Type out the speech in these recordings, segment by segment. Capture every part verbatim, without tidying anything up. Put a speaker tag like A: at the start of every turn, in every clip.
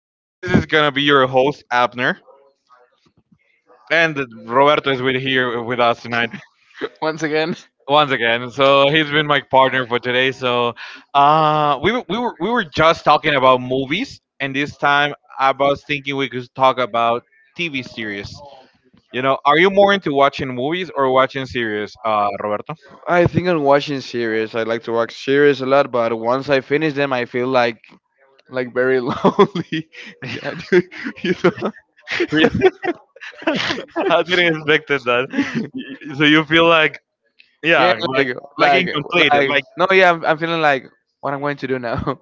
A: Uh, this is gonna be your host Abner, and Roberto is with here with us tonight
B: Once again.
A: once again. So he's been my partner for today. So uh, we were- we were we were just talking about movies, and this time I was thinking we could talk about T V series. You know, are you more into watching movies or watching series, uh, Roberto?
B: I think I'm watching series. I like to watch series a lot, but once I finish them, I feel like like very lonely. Yeah, dude, you know.
A: Really? I didn't expect that. So you feel like
B: Yeah,
A: yeah,
B: like
A: like like
B: like
A: incomplete,
B: like
A: like.
B: no, yeah, I'm, I'm feeling like what I'm going to do now.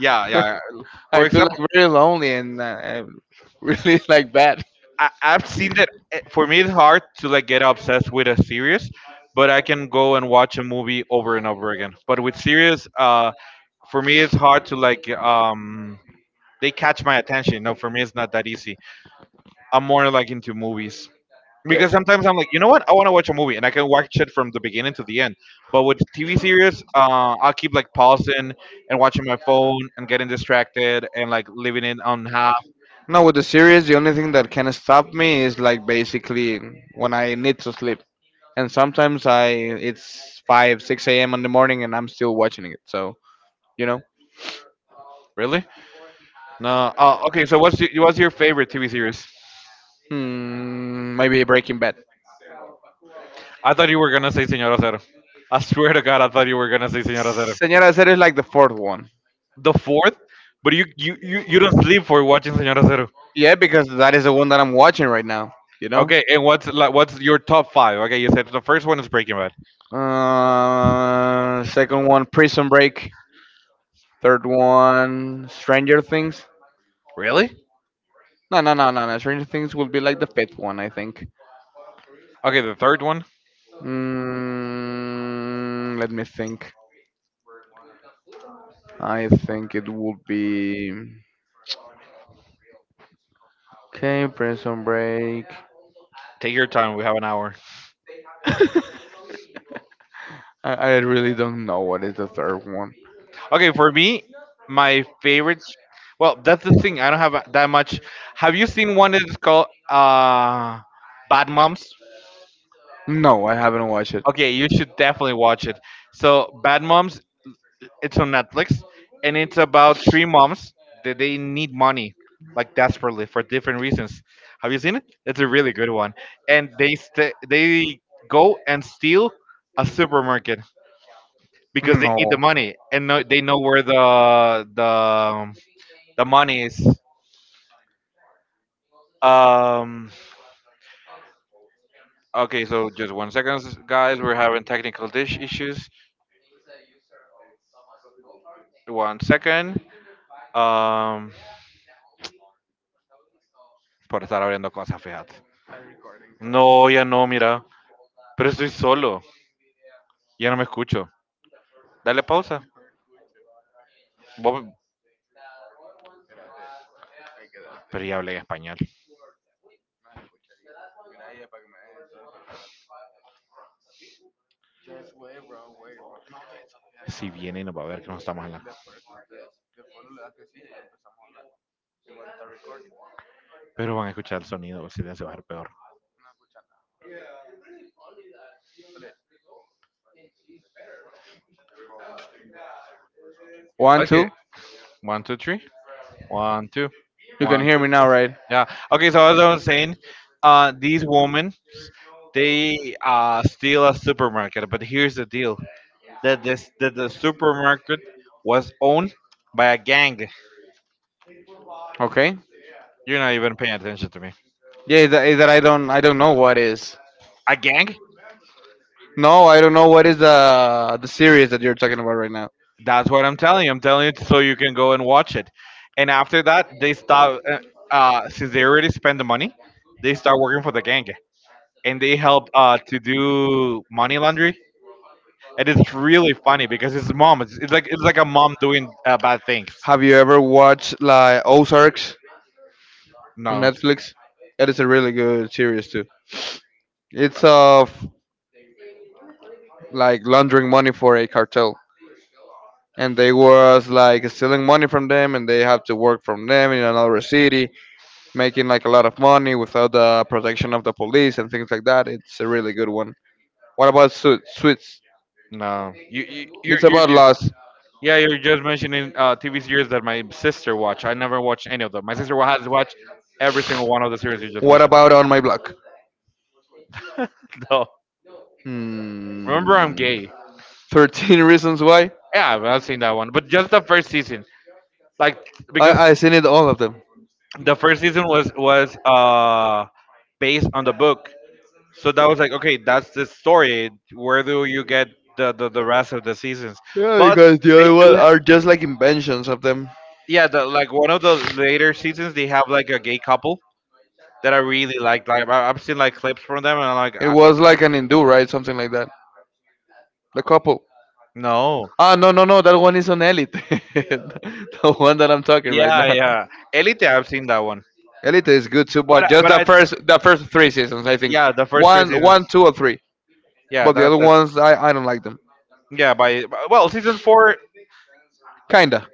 A: Yeah, yeah.
B: I
A: For
B: feel
A: example,
B: like very lonely and uh, and really like bad.
A: I, I've seen that. eh, For me, it's hard to like get obsessed with a series, but I can go and watch a movie over and over again. But with series, uh, for me, it's hard to like um they catch my attention. No, for me, it's not that easy. I'm more like into movies
B: Yeah.
A: because sometimes I'm like, you know what? I want to watch a movie and I can watch it from the beginning to the end. But with T V series, uh, I'll keep like
B: I
A: pausing and watching my phone and getting distracted and like leaving it on half.
B: No, with the series, the only thing that can stop me is like basically when I need to sleep, and sometimes I it's five, six a m in the morning, and I'm still watching it. So you know,
A: Really? No. Oh, okay. So what's your, what's your favorite T V series?
B: hmm, Maybe Breaking Bad.
A: I thought you were gonna say Señora Cero. I swear to God, I thought you were gonna say Señora Cero.
B: Señora Cera is like the fourth one.
A: The fourth, but you you you, you don't sleep for watching Señora Cero.
B: Yeah, because that is the one that I'm watching right now. You know.
A: Okay, and what's like what's your top five? Okay, you said the first one is Breaking Bad.
B: Uh, second one, Prison Break. Third one, Stranger Things.
A: Really?
B: No, no, no, no, no. Stranger Things will be like the fifth one, I think.
A: Okay, the third one.
B: Mm, let me think. I think it would be. Okay, Prison Break.
A: Take your time. We have an hour.
B: I, I really don't know what is the third one.
A: Okay, for me, my favorite. Well, that's the thing. I don't have that much. Have you seen one that's called uh, Bad Moms?
B: No, I haven't watched it.
A: Okay, you should definitely watch it. So, Bad Moms, it's on Netflix, and it's about three moms that they need money, like desperately for different reasons. Have you seen it? It's a really good one, and they st- they go and steal a supermarket because they need the money, and no- they know where the the the money is. Um. Okay, so just one second, guys. We're having technical dish issues. One second. Um. por estar abriendo cosas, fíjate. No, ya no, mira. Pero estoy solo. Ya no me escucho. Dale pausa. Vos- Pero ya hablé español. Si viene y nos va a ver que no estamos en la... Pero van a escuchar el sonido, el silencio va a ser peor.
B: One,
A: Okay,
B: two.
A: one, two, three. One, two,
B: You can
A: one,
B: hear
A: two.
B: me now, right?
A: Yeah. Okay, so as I was saying, uh, this woman they uh, steal a supermarket, but here's the deal: that this that the supermarket was owned by a gang.
B: Okay.
A: You're not even paying attention to me.
B: Yeah, is that, is that I don't I don't know what is.
A: A gang?
B: No, I don't know what is the the series that you're talking about right now.
A: That's what I'm telling you. I'm telling you so you can go and watch it. And after that, they start uh, uh, since they already spent the money, they start working for the gang, and they help uh, to do money laundry. And it's really funny because it's mom. It's, it's like it's like a mom doing uh, bad things.
B: Have you ever watched like Ozarks on
A: No,
B: Netflix? That is a really good series too. It's of like laundering money for a cartel, and they was like stealing money from them, and they have to work from them in another city, making like a lot of money without the protection of the police and things like that. It's a really good one. What about Su- Suits?
A: no. You you you're,
B: It's
A: you're, you
B: about
A: you
B: loss.
A: yeah, you're just mentioning uh, T V series that my sister watched. I never watched any of them. My sister wa- has watched every single one of the series you just
B: What
A: mentioned.
B: about On My Block?
A: No. Remember, I'm
B: Hmm.
A: gay.
B: thirteen Reasons Why?
A: Yeah, I've I've seen that one, but just the first season, like because
B: I I seen it all of them.
A: the first season was was uh based on the book, so that was like okay, that's the story. Where do you get the the, the rest of the seasons?
B: Yeah,
A: But
B: because the
A: they
B: other one
A: do,
B: are just like inventions of them.
A: yeah. The, like one of the later seasons, they have like a gay couple that I really liked. Like I- I've seen like clips from them, and I'm like
B: It was like an Hindu, right? Something like that. The couple.
A: no.
B: Ah, no, no, no. That one is on Elite. The one that I'm talking right
A: Yeah,
B: now.
A: yeah. Elite, I've seen that one.
B: Elite is good too,
A: But
B: but just
A: but
B: the
A: I
B: first the first three seasons, I think.
A: yeah, the first three
B: One,
A: seasons.
B: one, two, or three.
A: Yeah,
B: But the
A: that's
B: other
A: it.
B: ones, I, I don't like them.
A: Yeah, by well, season four,
B: Kinda.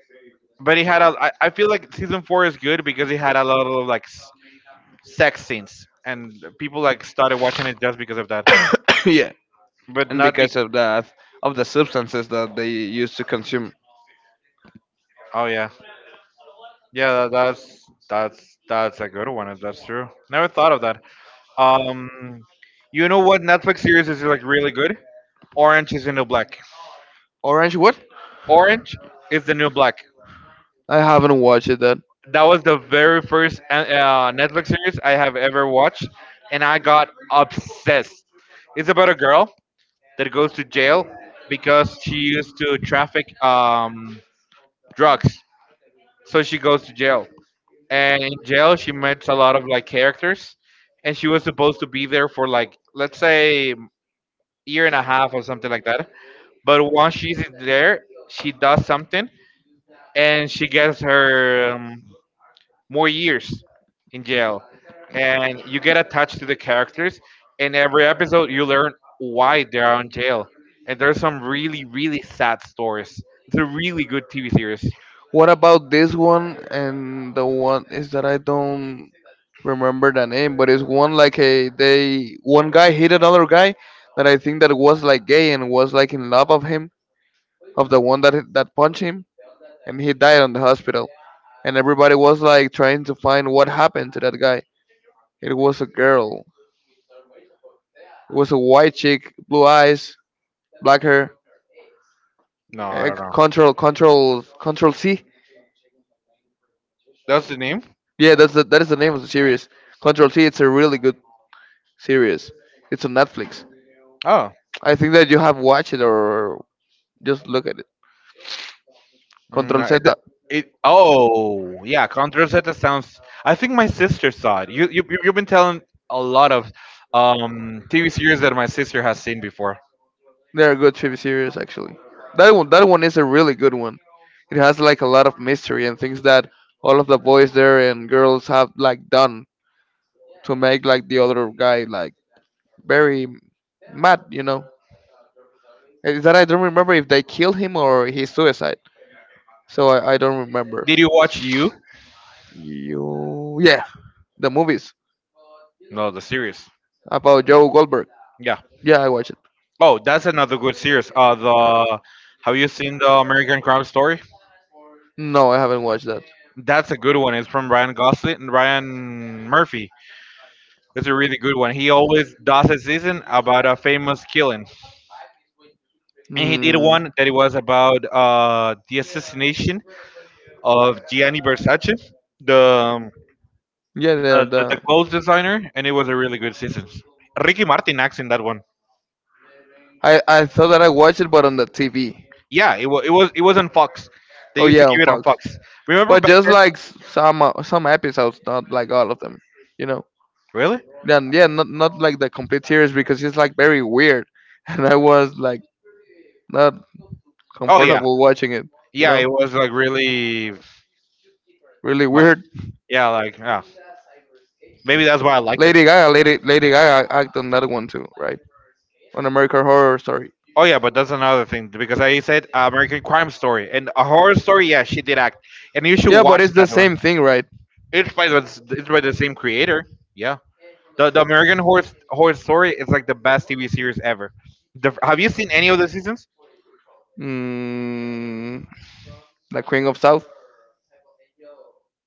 A: but he had a. I, I feel like season four is good because he had a lot of like s- sex scenes, and people like started watching it just because of that.
B: Yeah,
A: But
B: and
A: not be.
B: because of that, of the substances that they used to consume.
A: Oh yeah, yeah. That, that's that's that's a good one. If that's true, never thought of that. Um, you know what Netflix series is like really good? Orange is the New Black.
B: Orange, what?
A: Orange is the New Black.
B: I haven't watched it. That.
A: That was the very first uh, uh, Netflix series I have ever watched, and I got obsessed. It's about a girl that goes to jail because she used to traffic um, drugs, so she goes to jail. And in jail, she met a lot of like characters, and she was supposed to be there for like let's say year and a half or something like that. But once she's in there, she does something, and she gets her um, more years in jail, and you get attached to the characters, and every episode you learn why they're out in jail, and there's some really, really sad stories. It's a really good TV series.
B: What about this one and the one is that I don't remember the name, but it's one like a they one guy hit another guy that I think that was like gay and was like in love of him of the one that that punched him and he died on the hospital and everybody was like trying to find what happened to that guy. It was a girl. It was a white chick, blue eyes, black hair.
A: No, I
B: eh,
A: don't know.
B: Control, control, control C.
A: That's the name.
B: Yeah, that's the, that is the name of the series. Control C. It's a really good series. It's on Netflix.
A: Oh,
B: I think that you have watched it or just look at it.
A: Mm,
B: Control
A: no, it,
B: Z.
A: it oh yeah contra sounds. I think my sister saw it. you, you you've been telling a lot of um TV series that my sister has seen before.
B: They are good T V series actually. That one, that one is a really good one. It has like a lot of mystery and things that all of the boys there and girls have like done to make like the other guy like very mad, you know. Is that I don't remember if they killed him or he suicide. So I, I don't remember.
A: Did you watch you
B: You Yeah, the movies
A: no, the series.
B: about Joe Goldberg.
A: Yeah.
B: Yeah, I watched it.
A: Oh, that's another good series. Uh, the Have you seen the American Crime Story?
B: No, I haven't watched that.
A: That's a good one. It's from Ryan Gosling and Ryan Murphy. It's a really good one. He always does a season about a famous killing, and he did
B: Hmm.
A: one that it was about uh the assassination of Gianni Versace, the um,
B: Yeah, the,
A: the, the,
B: the
A: the
B: the
A: clothes
B: clothes designer,
A: designer, and
B: and
A: it
B: it
A: was
B: was a
A: a really
B: really good
A: good season.
B: season.
A: Ricky Martin acts in that one.
B: I I thought that I watched it, but on the T V.
A: Yeah, it was it was it was on Fox. They
B: Oh
A: used to
B: yeah, on
A: give it on
B: Fox.
A: Fox. Remember
B: But
A: back.
B: just like s- some uh, some episodes, not like all of them. You know.
A: Really?
B: Yeah, yeah, not not like the complete series because it's like very weird, and I was like not
A: Oh yeah,
B: comfortable watching it. You
A: yeah.
B: know,
A: It was like really,
B: Really
A: but
B: weird.
A: yeah, like yeah. Maybe
B: Lady
A: that's why I liked it.
B: Gaga, Lady Lady Gaga act on that one too, right? On American Horror Story.
A: Oh yeah, but that's another thing because I said uh, American Crime Story and a horror story. Yeah, she did act, and you should
B: Yeah, but
A: watch
B: it's the
A: that one.
B: same thing, right?
A: It's by the it's by the same creator. Yeah, the the American Horror Horror Story is like the best T V series ever. The, have you seen any of the seasons?
B: Mm, La Queen of South.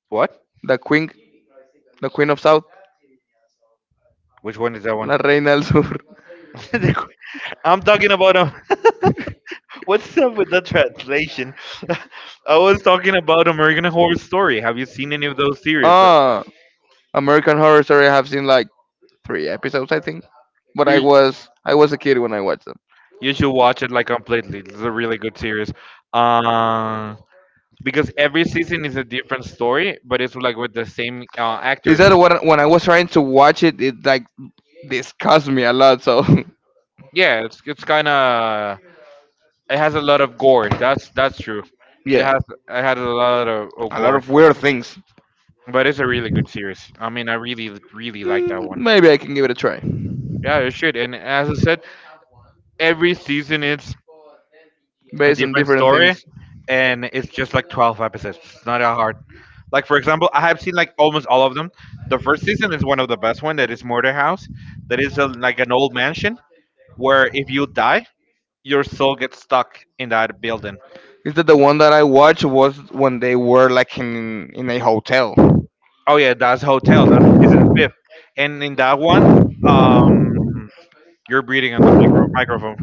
A: What?
B: The Queen. The Queen of South.
A: Which one is that one?
B: La Reina del Sur.
A: I'm talking about. um, What's up with the translation? I was talking about American Horror Story. Have you seen any of those series? The-
B: Ah, American Horror Story. I have seen like three episodes, I think. But I
A: You,
B: was I was a kid when I watched them.
A: you should watch it like completely. It's a really good series. Uh, because every season is a different story, but it's like with the same uh,
B: Is
A: actors.
B: that what when I was trying to watch it, it like disgusts me a lot. So
A: Yeah, it's it's kind of it has a lot of gore. That's that's true. It
B: yeah,
A: has it has a lot of, of
B: a lot
A: gore,
B: of weird things.
A: but it's a really good series. I mean, I really, really like that
B: Mm,
A: one.
B: maybe I can give it a try
A: Yeah, you should. And as I said, every season is a
B: based on
A: different
B: different
A: story,
B: things.
A: and it's just like twelve episodes. It's not that hard. Like for example, I have seen like almost all of them. The first season is one of the best one. That is Murder House. That is a, like an old mansion where if you die, your soul gets stuck in that building.
B: Is that the one that I watched was when they were like in in a hotel?
A: Oh yeah, that's Hotel. That's season fifth. And in that one, um you're breathing on the micro- microphone.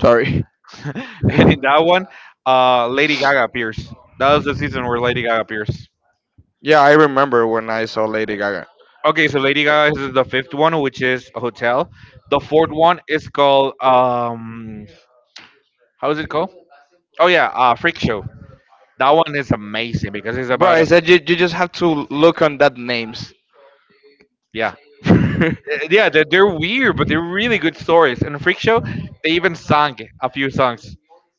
B: Sorry.
A: And in that one, uh Lady Gaga appears. That was the season where Lady Gaga appears.
B: Yeah, I remember when I saw Lady Gaga.
A: Okay, so Lady Gaga is the fifth one, which is a hotel. The fourth one is called um, how is it called? Oh yeah, uh, Freak Show. That one is amazing because it's
B: Bro,
A: about
B: I
A: a
B: said you, you just have to look on that names.
A: yeah, Uh, yeah. They're, they're weird, but they're really good stories. And Freak Show, they even sang a few songs.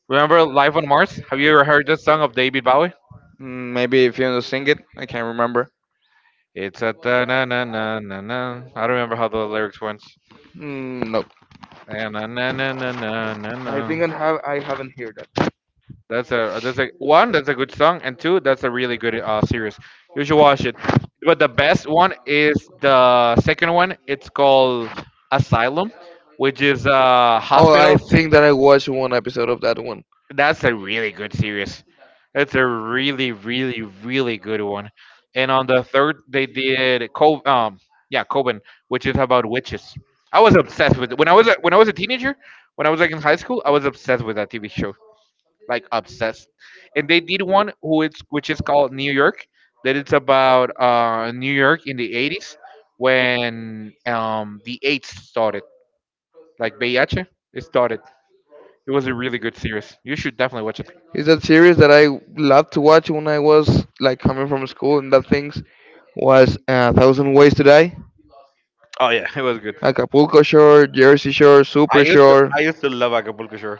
A: Remember Life on Mars? Have you ever heard that song of David Bowie?
B: Mm, Maybe if you know sing it, I can't remember.
A: It's a da na na na na na. I don't remember how the lyrics went.
B: Mm, no,
A: Na na na na na na na.
B: I think I have I haven't heard that.
A: That's a that's a one. That's a good song, and two, that's a really good uh series. You should watch it. But the best one is the second one. It's called Asylum, which is a
B: Oh, I
A: hospital.
B: think that I watched one episode of that one.
A: That's a really good series. It's a really, really, really good one. And on the third, they did Cov um yeah, Coven, which is about witches. I was obsessed with it. When I was a, when I was a teenager, when I was like in high school, I was obsessed with that T V show like obsessed. And they did one who it's which is called New York. That it's about uh, New York in the eighties when um, the AIDS started, like V I H. It started. It was a really good series. You should definitely watch it.
B: Is that series that I loved to watch when I was like coming from school and that things was uh, Thousand Ways to Die.
A: Oh yeah, it was good.
B: Acapulco Shore, Jersey Shore,
A: I
B: Super
A: used to
B: Shore.
A: I used to love Acapulco Shore.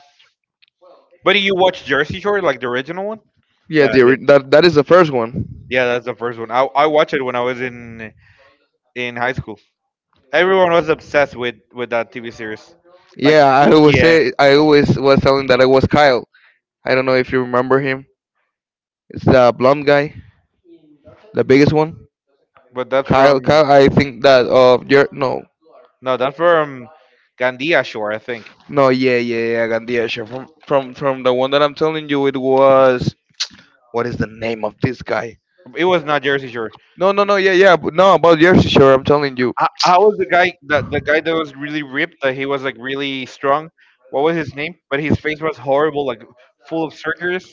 A: But did you watch Jersey Shore, like the original one?
B: Yeah,
A: Yeah, I
B: the,
A: did.
B: ori- that that is the first one.
A: Yeah, that's the first one. I I watched it when I was in in high school. Everyone was obsessed with with that T V series, like
B: Yeah, I
A: Snooki
B: always
A: and.
B: say I always was telling that I was Kyle. I don't know if you remember him. It's the blonde guy, the biggest one.
A: But that's
B: Kyle,
A: from.
B: Kyle. I think that of your no,
A: No, that's from Gandia Shore, I think.
B: no, yeah, yeah, yeah, Gandia. Sure. From from from the one that I'm telling you, it was what is the name of this guy?
A: It was not Jersey Shore.
B: No, no, no, yeah, yeah, but no about Jersey Shore. I'm telling you.
A: How, how was the guy? The, the guy that was really ripped. That he was like really strong. What was his name? But his face was horrible, like full of circles.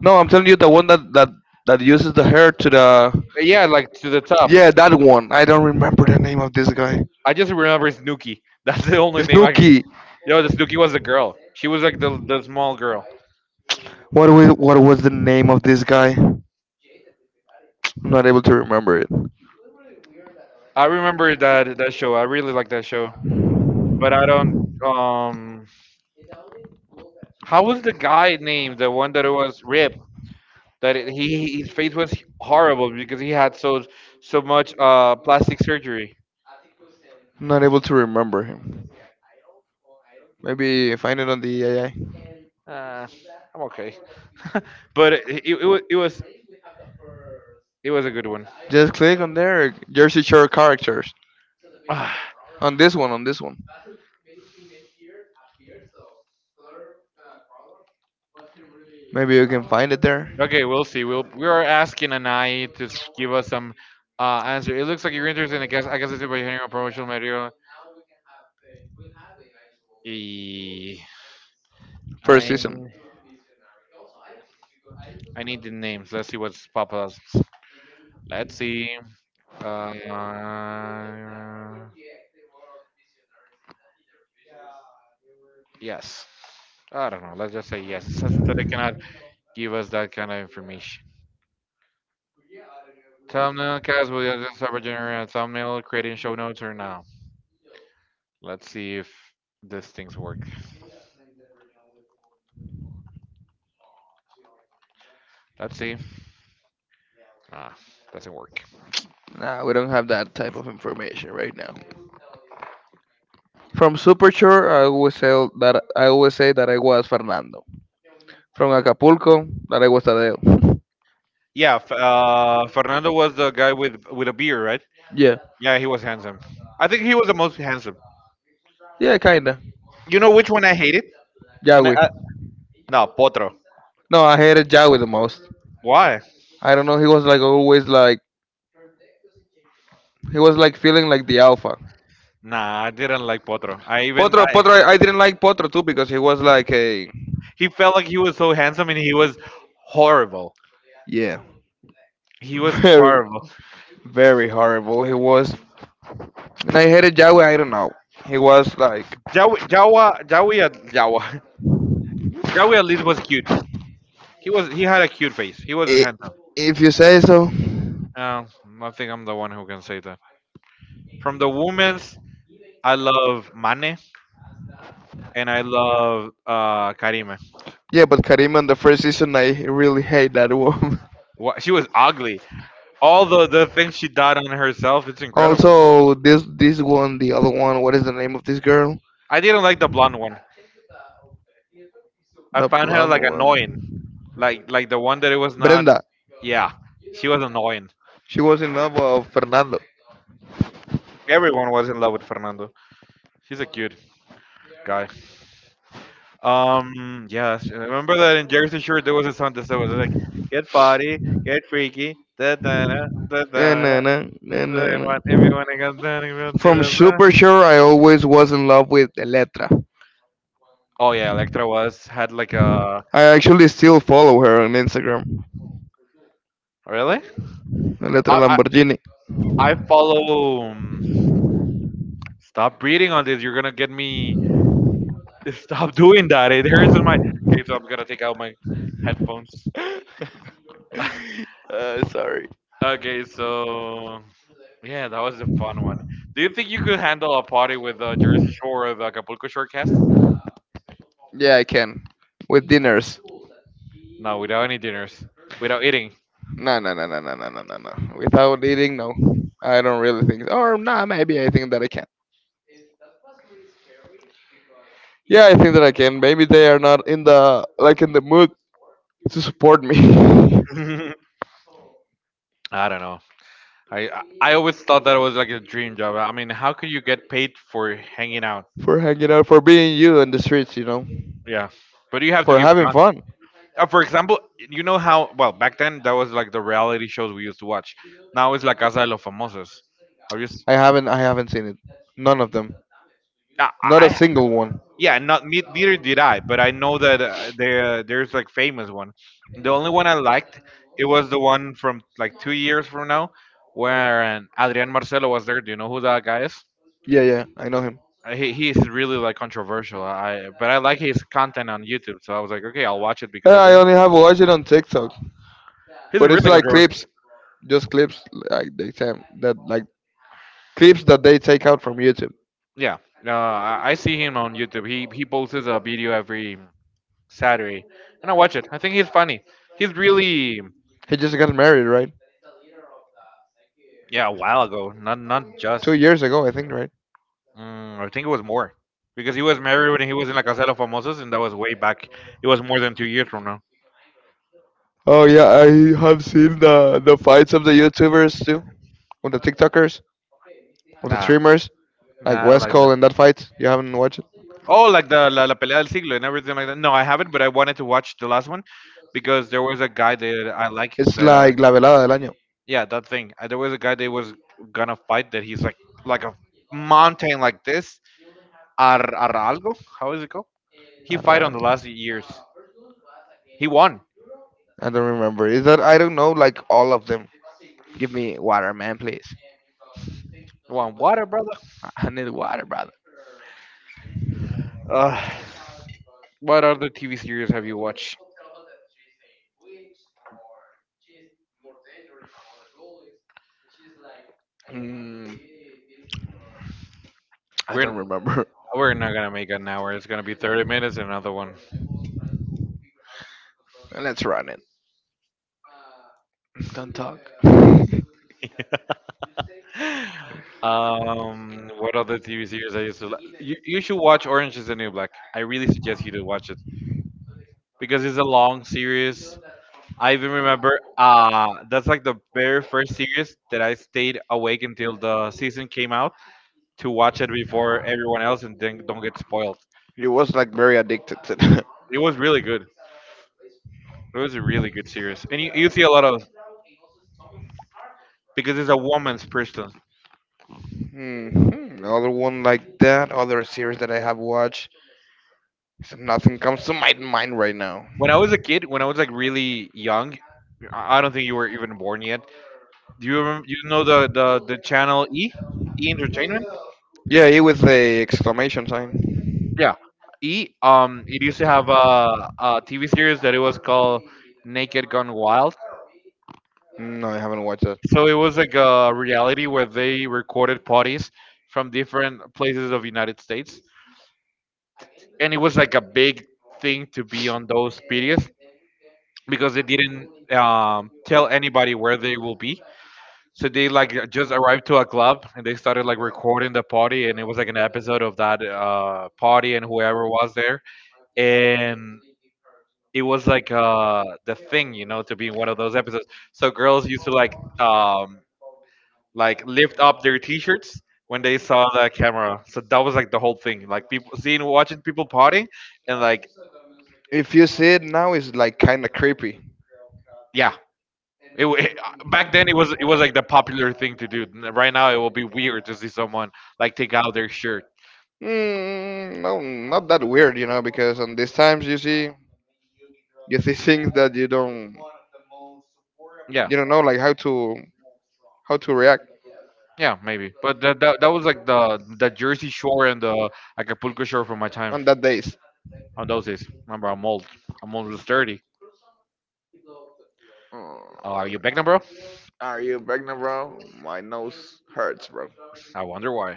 B: No, I'm telling you the one that that that uses the hair to the
A: Yeah, like to the top.
B: Yeah, that one. I don't remember the name of this guy.
A: I just remember Snooki. That's the only name I can.
B: Snooky.
A: Yo, the Snooki was the girl. She was like the the small girl.
B: What was what was the name of this guy? I'm not able to remember it.
A: I remember that that show. I really like that show. But I don't. Um, how was the guy named? The one that was ripped. That it, he His face was horrible because he had so so much uh plastic surgery.
B: Not able to remember him. Maybe find it on the A I.
A: Uh, I'm okay, but it, it, it, wa- it was it was a good one.
B: Just click on there. Jersey Shore characters.
A: Ah,
B: On this one. On this one. Maybe you can find it there.
A: okay, we'll see. We'll we are asking Anai to s- give us some uh answer. It looks like you're interested in. I guess I guess it's about general promotional material. E-
B: First
A: I
B: season.
A: I need the names. Let's see what's pop up. Let's see. Uh, yes. I don't know. Let's just say yes. It says that they cannot give us that kind of information. Thumbnail cast will use this software, generating a thumbnail, creating show notes or now. Let's see if these things work. Let's see. Ah, doesn't work.
B: Nah, we don't have that type of information right now. From Supershore, I always say that I always say that I was Fernando. From Acapulco, that I was Tadeo.
A: Yeah, F- uh, Fernando was the guy with with a beard, right?
B: Yeah,
A: Yeah, he was handsome. I think he was the most handsome.
B: yeah, kinda.
A: You know which one I hated? And I,
B: Yahweh.
A: I, no, Potro.
B: No, I hated Yahweh the most.
A: Why?
B: I don't know. He was like always like he was like feeling like the alpha.
A: Nah, I didn't like Potro. I even
B: Potro,
A: I
B: Potro, I I didn't like Potro too because he was like a
A: He felt like he was so handsome and he was horrible.
B: Yeah,
A: He was
B: very,
A: horrible.
B: very horrible. He was, and I hated Yahweh. I don't know. He was like,
A: Jawi, Jawa, Jawi, at Jawa. Jawi at least was cute. He was he had a cute face. He was
B: I
A: handsome.
B: If you say so.
A: Uh, I think I'm the one who can say that. From the women's, I love Mane and I love uh Karime.
B: Yeah, but Karim on the first season, I really hate that one.
A: Wha, she was ugly. All the the things she did on herself, it's incredible.
B: Also, this this one, the other one. What is the name of this girl?
A: I didn't like the blonde one. I
B: The
A: found her
B: blonde
A: like annoying.
B: one,
A: like like the one that it was not.
B: Brenda.
A: Yeah, she was annoying.
B: She was in love with Fernando.
A: Everyone was in love with Fernando. She's a cute guy. Um, yeah, I remember that in Jersey Shore there was a song that said was like, "Get party, get freaky, da da da da
B: Na,
A: da
B: na,
A: da."
B: na, na, na, na.
A: Everyone, everyone, I got down and went to
B: From
A: the bar.
B: Super Sure, I always was in love with Eletra.
A: Oh yeah, Electra was had like a,
B: I actually still follow her on Instagram,
A: really.
B: Eletra
A: I I,
B: Lamborghini.
A: I follow. Um, stop breathing on this. You're gonna get me. Stop doing that. It hurts in my. Okay, so I'm gonna take out my headphones.
B: Uh, sorry.
A: Okay, so yeah, that was a fun one. Do you think you could handle a party with the Jersey Shore or the Acapulco Shore cast?
B: Yeah, I can. With dinners.
A: No, without any dinners, without eating.
B: No, no, no, no, no, no, no, no, no. Without eating, no. I don't really think. Or nah, maybe I think that I can. Yeah, I think that I can. Maybe they are not in the like in the mood to support me
A: I don't know. I I I always thought that it was like a dream job. I mean, how could you get paid for hanging out?
B: for hanging out, for being you in the streets, you know,
A: Yeah, but you have to
B: for
A: give.
B: having
A: con-
B: fun.
A: Uh, for example, you know how well back then that was like the reality shows we used to watch. Now it's like Casa de los Famosos. Have you? S-
B: I haven't, I haven't seen it. None of them.
A: I
B: Not a
A: I
B: single one.
A: Yeah, not ne- neither did I, but I know that uh, there there's like famous one. The only one I liked it was the one from like two years from now, where um, Adrián Marcelo was there. Do you know who that guy is?
B: Yeah, yeah, I know him.
A: Uh, He he's really like controversial. I but I like his content on YouTube, so I was like, okay, I'll watch it
B: Yeah,
A: because of
B: I
A: him.
B: only have watched it on TikTok,
A: He's
B: but
A: really
B: it's like
A: controversial.
B: clips, just clips like they say that like clips that they take out from YouTube.
A: Yeah, uh, I, I see him on YouTube. He he posts a video every Saturday, and I watch it. I think he's funny. He's really.
B: He just got married, right?
A: Yeah, a while ago, not not
B: Two
A: just.
B: years ago, I think, right?
A: Mm, I think it was more because he was married when he was in La Casa de los Famosos, and that was way back. It was more than two years from now.
B: Oh yeah, I have seen the the fights of the YouTubers too, or the TikTokers, or the
A: Nah,
B: streamers, like
A: nah, I don't
B: West
A: like
B: Cole
A: that.
B: and that fight. You haven't watched it?
A: Oh, like the la, la pelea del siglo and everything like that. No, I haven't, but I wanted to watch the last one because there was a guy that I like
B: It's
A: that. Uh,
B: like La Velada del Año.
A: yeah, that thing. Uh, There was a guy that was gonna fight that he's like like a mountain like this. Ar, Aralgo, algo? How is it called? He fight on the
B: Arran.
A: last years. He won.
B: I don't remember. Is that I don't know like all of them. Give me water, man, please.
A: One water, brother.
B: I I need water, brother.
A: Uh, what other T V series have you watched?
B: Mm, I
A: We're
B: don't remember.
A: we're not gonna make an hour. It's gonna be thirty minutes and another one.
B: Let's run it. Don't talk.
A: Um, what other T V series I used to? Li- you you should watch Orange Is the New Black. I really suggest you to watch it, because it's a long series. I even remember uh that's like the very first series that I stayed awake until the season came out to watch it before everyone else and then don't get spoiled.
B: It was like very addicted to that.
A: It was really good. It was a really good series. And you, you see a lot of, because it's a woman's person.
B: hmm Other one like that, other series that I have watched. So nothing comes to my mind right now.
A: When I was a kid, when I was like really young, I I don't think you were even born yet. Do you remember, you know the, the, the channel E? E Entertainment?
B: Yeah, it was a exclamation sign.
A: Yeah. E, um it used to have a T V series that it was called Naked Gun Wild.
B: No, I haven't watched that.
A: So it was like a reality where they recorded parties from different places of United States, and it was like a big thing to be on those periods because they didn't um, tell anybody where they will be. So they like just arrived to a club and they started like recording the party, and it was like an episode of that uh, party and whoever was there, and it was like uh the thing, you know to be in one of those episodes, so girls used to like um like lift up their t-shirts when they saw the camera, so that was like the whole thing, like people seeing, watching people party, and like
B: If you see it now, it's like kind of creepy.
A: yeah. it, wa- it uh, Back then it was it was like the popular thing to do. N- right now it will be weird to see someone like take out their shirt.
B: Mm, no, not that weird, you know, because on these times you see you see things that you don't
A: Yeah,
B: you don't know like how to how to react
A: yeah maybe, but that, that, that was like the the Jersey Shore and the Acapulco Shore for my time
B: on that days.
A: on those days. Remember, I'm old. I'm almost dirty. Oh, are
B: Uh,
A: you pregnant, bro?
B: Are you pregnant, bro? My nose hurts, bro.
A: I wonder why.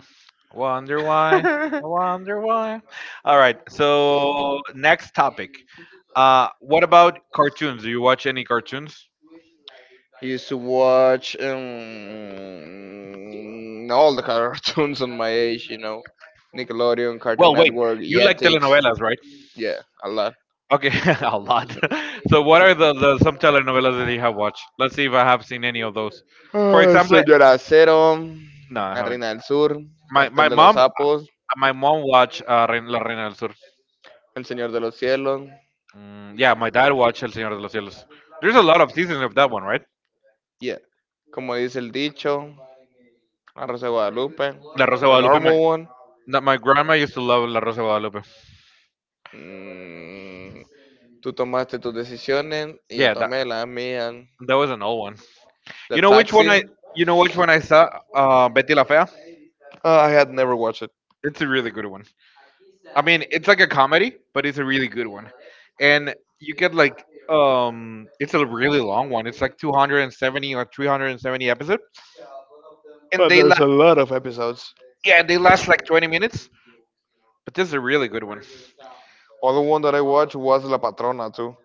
A: Wonder why. Wonder why. All right. So next topic. Uh, what about cartoons? Do you watch any cartoons?
B: I used to watch um, all the cartoons on my age, you know, Nickelodeon, Cartoon
A: Well, wait.
B: Network,
A: You like
B: Jetix.
A: telenovelas, right?
B: Yeah, a lot.
A: Okay, a lot. So what are the, the some telenovelas that you have watched? Let's see if I have seen any of those. For
B: Ah,
A: example,
B: Señor Acero,
A: no, I
B: La
A: haven't.
B: Reina del Sur,
A: My my
B: Cartel de los
A: mom
B: Sapos,
A: my mom watched uh, Rein- La Reina del Sur.
B: El Señor de los Cielos.
A: Mm, yeah, my dad watched El Señor de los Cielos. There's a lot of seasons of that one, right?
B: Yeah. Como dice el dicho, La Rosa de Guadalupe,
A: La Rosa de
B: The
A: Guadalupe. My,
B: Normal One.
A: that my grandma used to love La Rosa de Guadalupe.
B: Mm, tú tomaste tus decisiones y yo
A: Yeah, that
B: tomé la mía.
A: that was an old one.
B: The
A: You know which one I
B: Taxi.
A: you know which one I saw? Uh, Betty La Fea.
B: Ah, I had never watched it.
A: It's a really good one. I mean, it's like a comedy, but it's a really good one. And you get like um, it's a really long one. It's like two hundred seventy or three hundred seventy episodes, and
B: But
A: they
B: there's a
A: la-
B: lot of episodes.
A: yeah, they last like twenty minutes. But this is a really good one.
B: Other one that I watched was La Patrona too.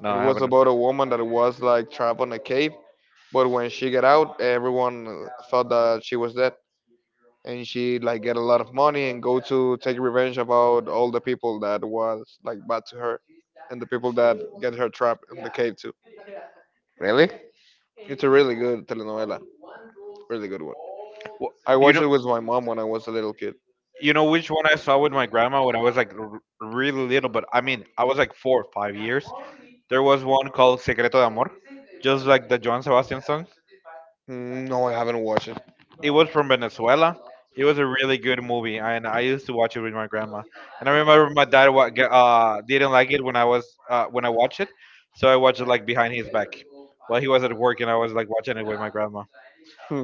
A: No,
B: It
A: I
B: was
A: haven't.
B: about a woman that was like trapped in a cave, but when she got out, everyone thought that she was dead, and she like get a lot of money and go to take revenge about all the people that was like bad to her, and the people that get her trapped in the cave too.
A: Really?
B: It's a really good telenovela, really good one.
A: Well,
B: I
A: you
B: watched
A: know,
B: it with my mom when I was a little kid.
A: you know which one I saw with my grandma when I was like r- really little, but I mean, I was like four or five years. There was one called Secreto de Amor, just like the John Sebastian song.
B: Mm, no, I haven't watched
A: It was from Venezuela. It was a really good movie, and I used to watch it with my grandma. And I remember my dad wa- ge- uh, didn't like it when I was uh, when I watched it, so I watched it like behind his back while he was at work, and I was like watching it with my grandma.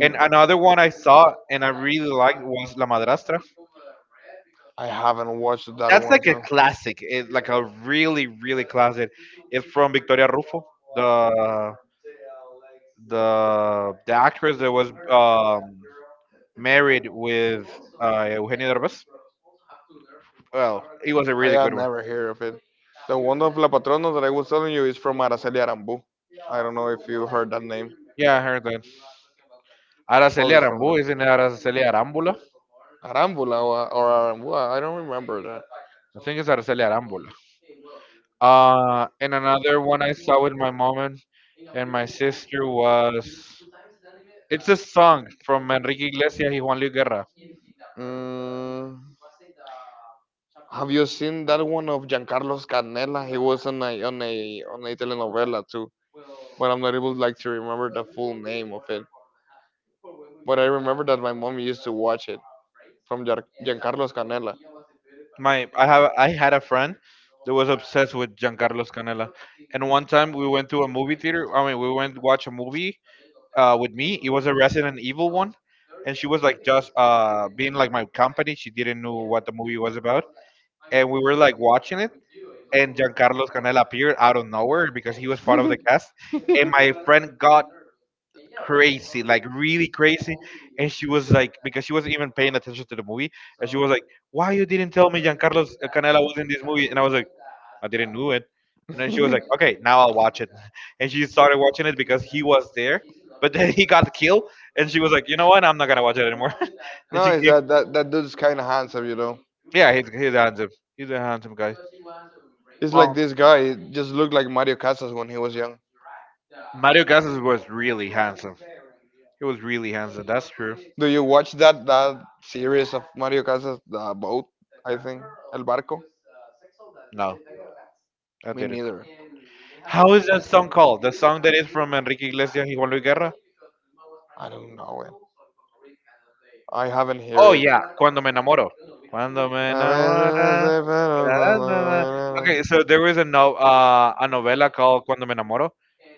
A: And another one I saw and I really liked was La Madrastra.
B: I haven't watched that
A: That's
B: one
A: like a
B: too.
A: classic. It's like a really, really classic. It's from Victoria Rufo, the the the actress that was um, married with uh, Eugenio Derbez. Well, it was a
B: I
A: really
B: had
A: good one.
B: never heard of it. The one of La Patrona that I was telling you is from Araceli Arambu. I don't know if you heard that name.
A: Yeah, I heard that.
B: Well,
A: Araceli
B: it's from the
A: Arambu, isn't it Araceli Arambula?
B: Arambula or, Arambua. I don't remember that.
A: I think it's Araceli Arambula. Uh, and another one I saw with my mom and, and my sister was, it's a song from Enrique Iglesias y Juan Luis Guerra.
B: Mm, Have you seen that one of Giancarlo Canela? He was on a on a on a telenovela too, but I'm not able like to remember the full name of it. But I remember that my mom used to watch it from Giar- Giancarlos Canela.
A: My I have I had a friend that was obsessed with Giancarlos Canela. And one time we went to a movie theater. I mean, we went to watch a movie uh, with me. It was a Resident Evil one, and she was like just uh, being like my company. She didn't know what the movie was about, and we were like watching it, and Giancarlo Canel appeared out of nowhere because he was part of the cast. And my friend got crazy, like really crazy. And she was like, because she wasn't even paying attention to the movie. And she was like, why you didn't tell me Giancarlo Canela was in this movie? And I was like, I didn't know it. And then she was like, okay, now I'll watch it. And she started watching it because he was there. But then he got killed. And she was like, you know what? I'm not going to watch it anymore. and
B: No,
A: she
B: it's
A: kept,
B: that that that dude's kind of handsome, you know.
A: yeah, he's, he's handsome. He's a handsome guy.
B: It's like
A: Um,
B: this guy just looked like Mario Casas when he was
A: Mario Casas was really handsome. He was really handsome. That's true.
B: Do you watch that that series of Mario Casas, the boat? I think El Barco.
A: No, I
B: Me
A: didn't.
B: neither.
A: How is that song called? The song that is from Enrique Iglesias y Juan Luis Guerra?
B: I don't know it. I haven't
A: Oh
B: heard it.
A: yeah, Cuando me enamoro. Cuando me
B: A veces
A: enamora.
B: se fueron
A: Da, da, da, da.
B: cuando-
A: Okay, so there was a no uh, a novela called Cuando me enamoro,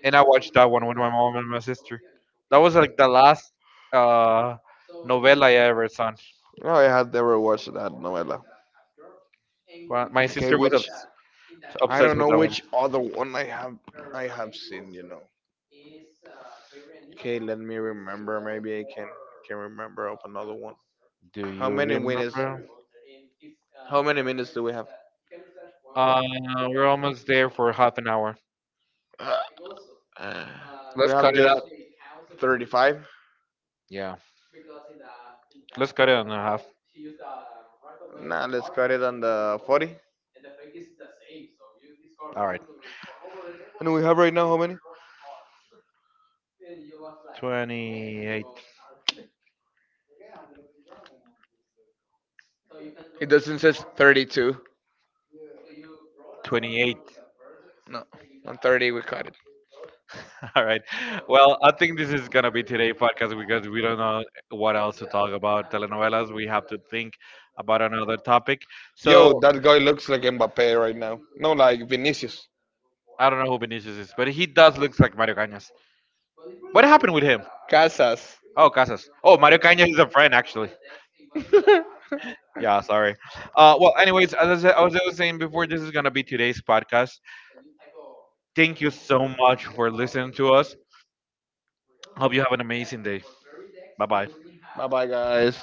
A: and I watched that one with my mom and my sister. That was like the last uh novela I ever saw.
B: No, I had never watched that novela.
A: Well, my
B: Okay,
A: sister was
B: which
A: obs-
B: I don't
A: obsessed with
B: know
A: that one.
B: which other one I have I have seen, you know. Okay, let me remember. Maybe I can can remember of another one.
A: Do
B: How
A: you
B: many minutes?
A: remember?
B: How many minutes do we have?
A: Uh, we're almost there for half an hour.
B: Uh, uh, we
A: Let's cut
B: have
A: it
B: just
A: up.
B: thirty-five.
A: Yeah, let's cut it in half.
B: Now let's cut it on the forty.
A: All right.
B: And we have right now how many?
A: twenty-eight.
B: It doesn't says thirty-two.
A: twenty-eight.
B: No, on thirty we cut it.
A: All right. Well, I think this is gonna be today podcast because we don't know what else to talk about telenovelas. We have to think about another topic. So
B: Yo, that guy looks like Mbappe right now. No, like Vinicius.
A: I don't know who Vinicius is, but he does looks like Mario Cañas. What happened with him?
B: Casas.
A: Oh, Casas. Oh, Mario Cañas is a friend actually. Yeah, sorry. Uh, well, anyways, as I, said, as I was saying before, this is gonna be today's podcast. Thank you so much for listening to us. Hope you have an amazing day. Bye bye.
B: Bye bye, guys.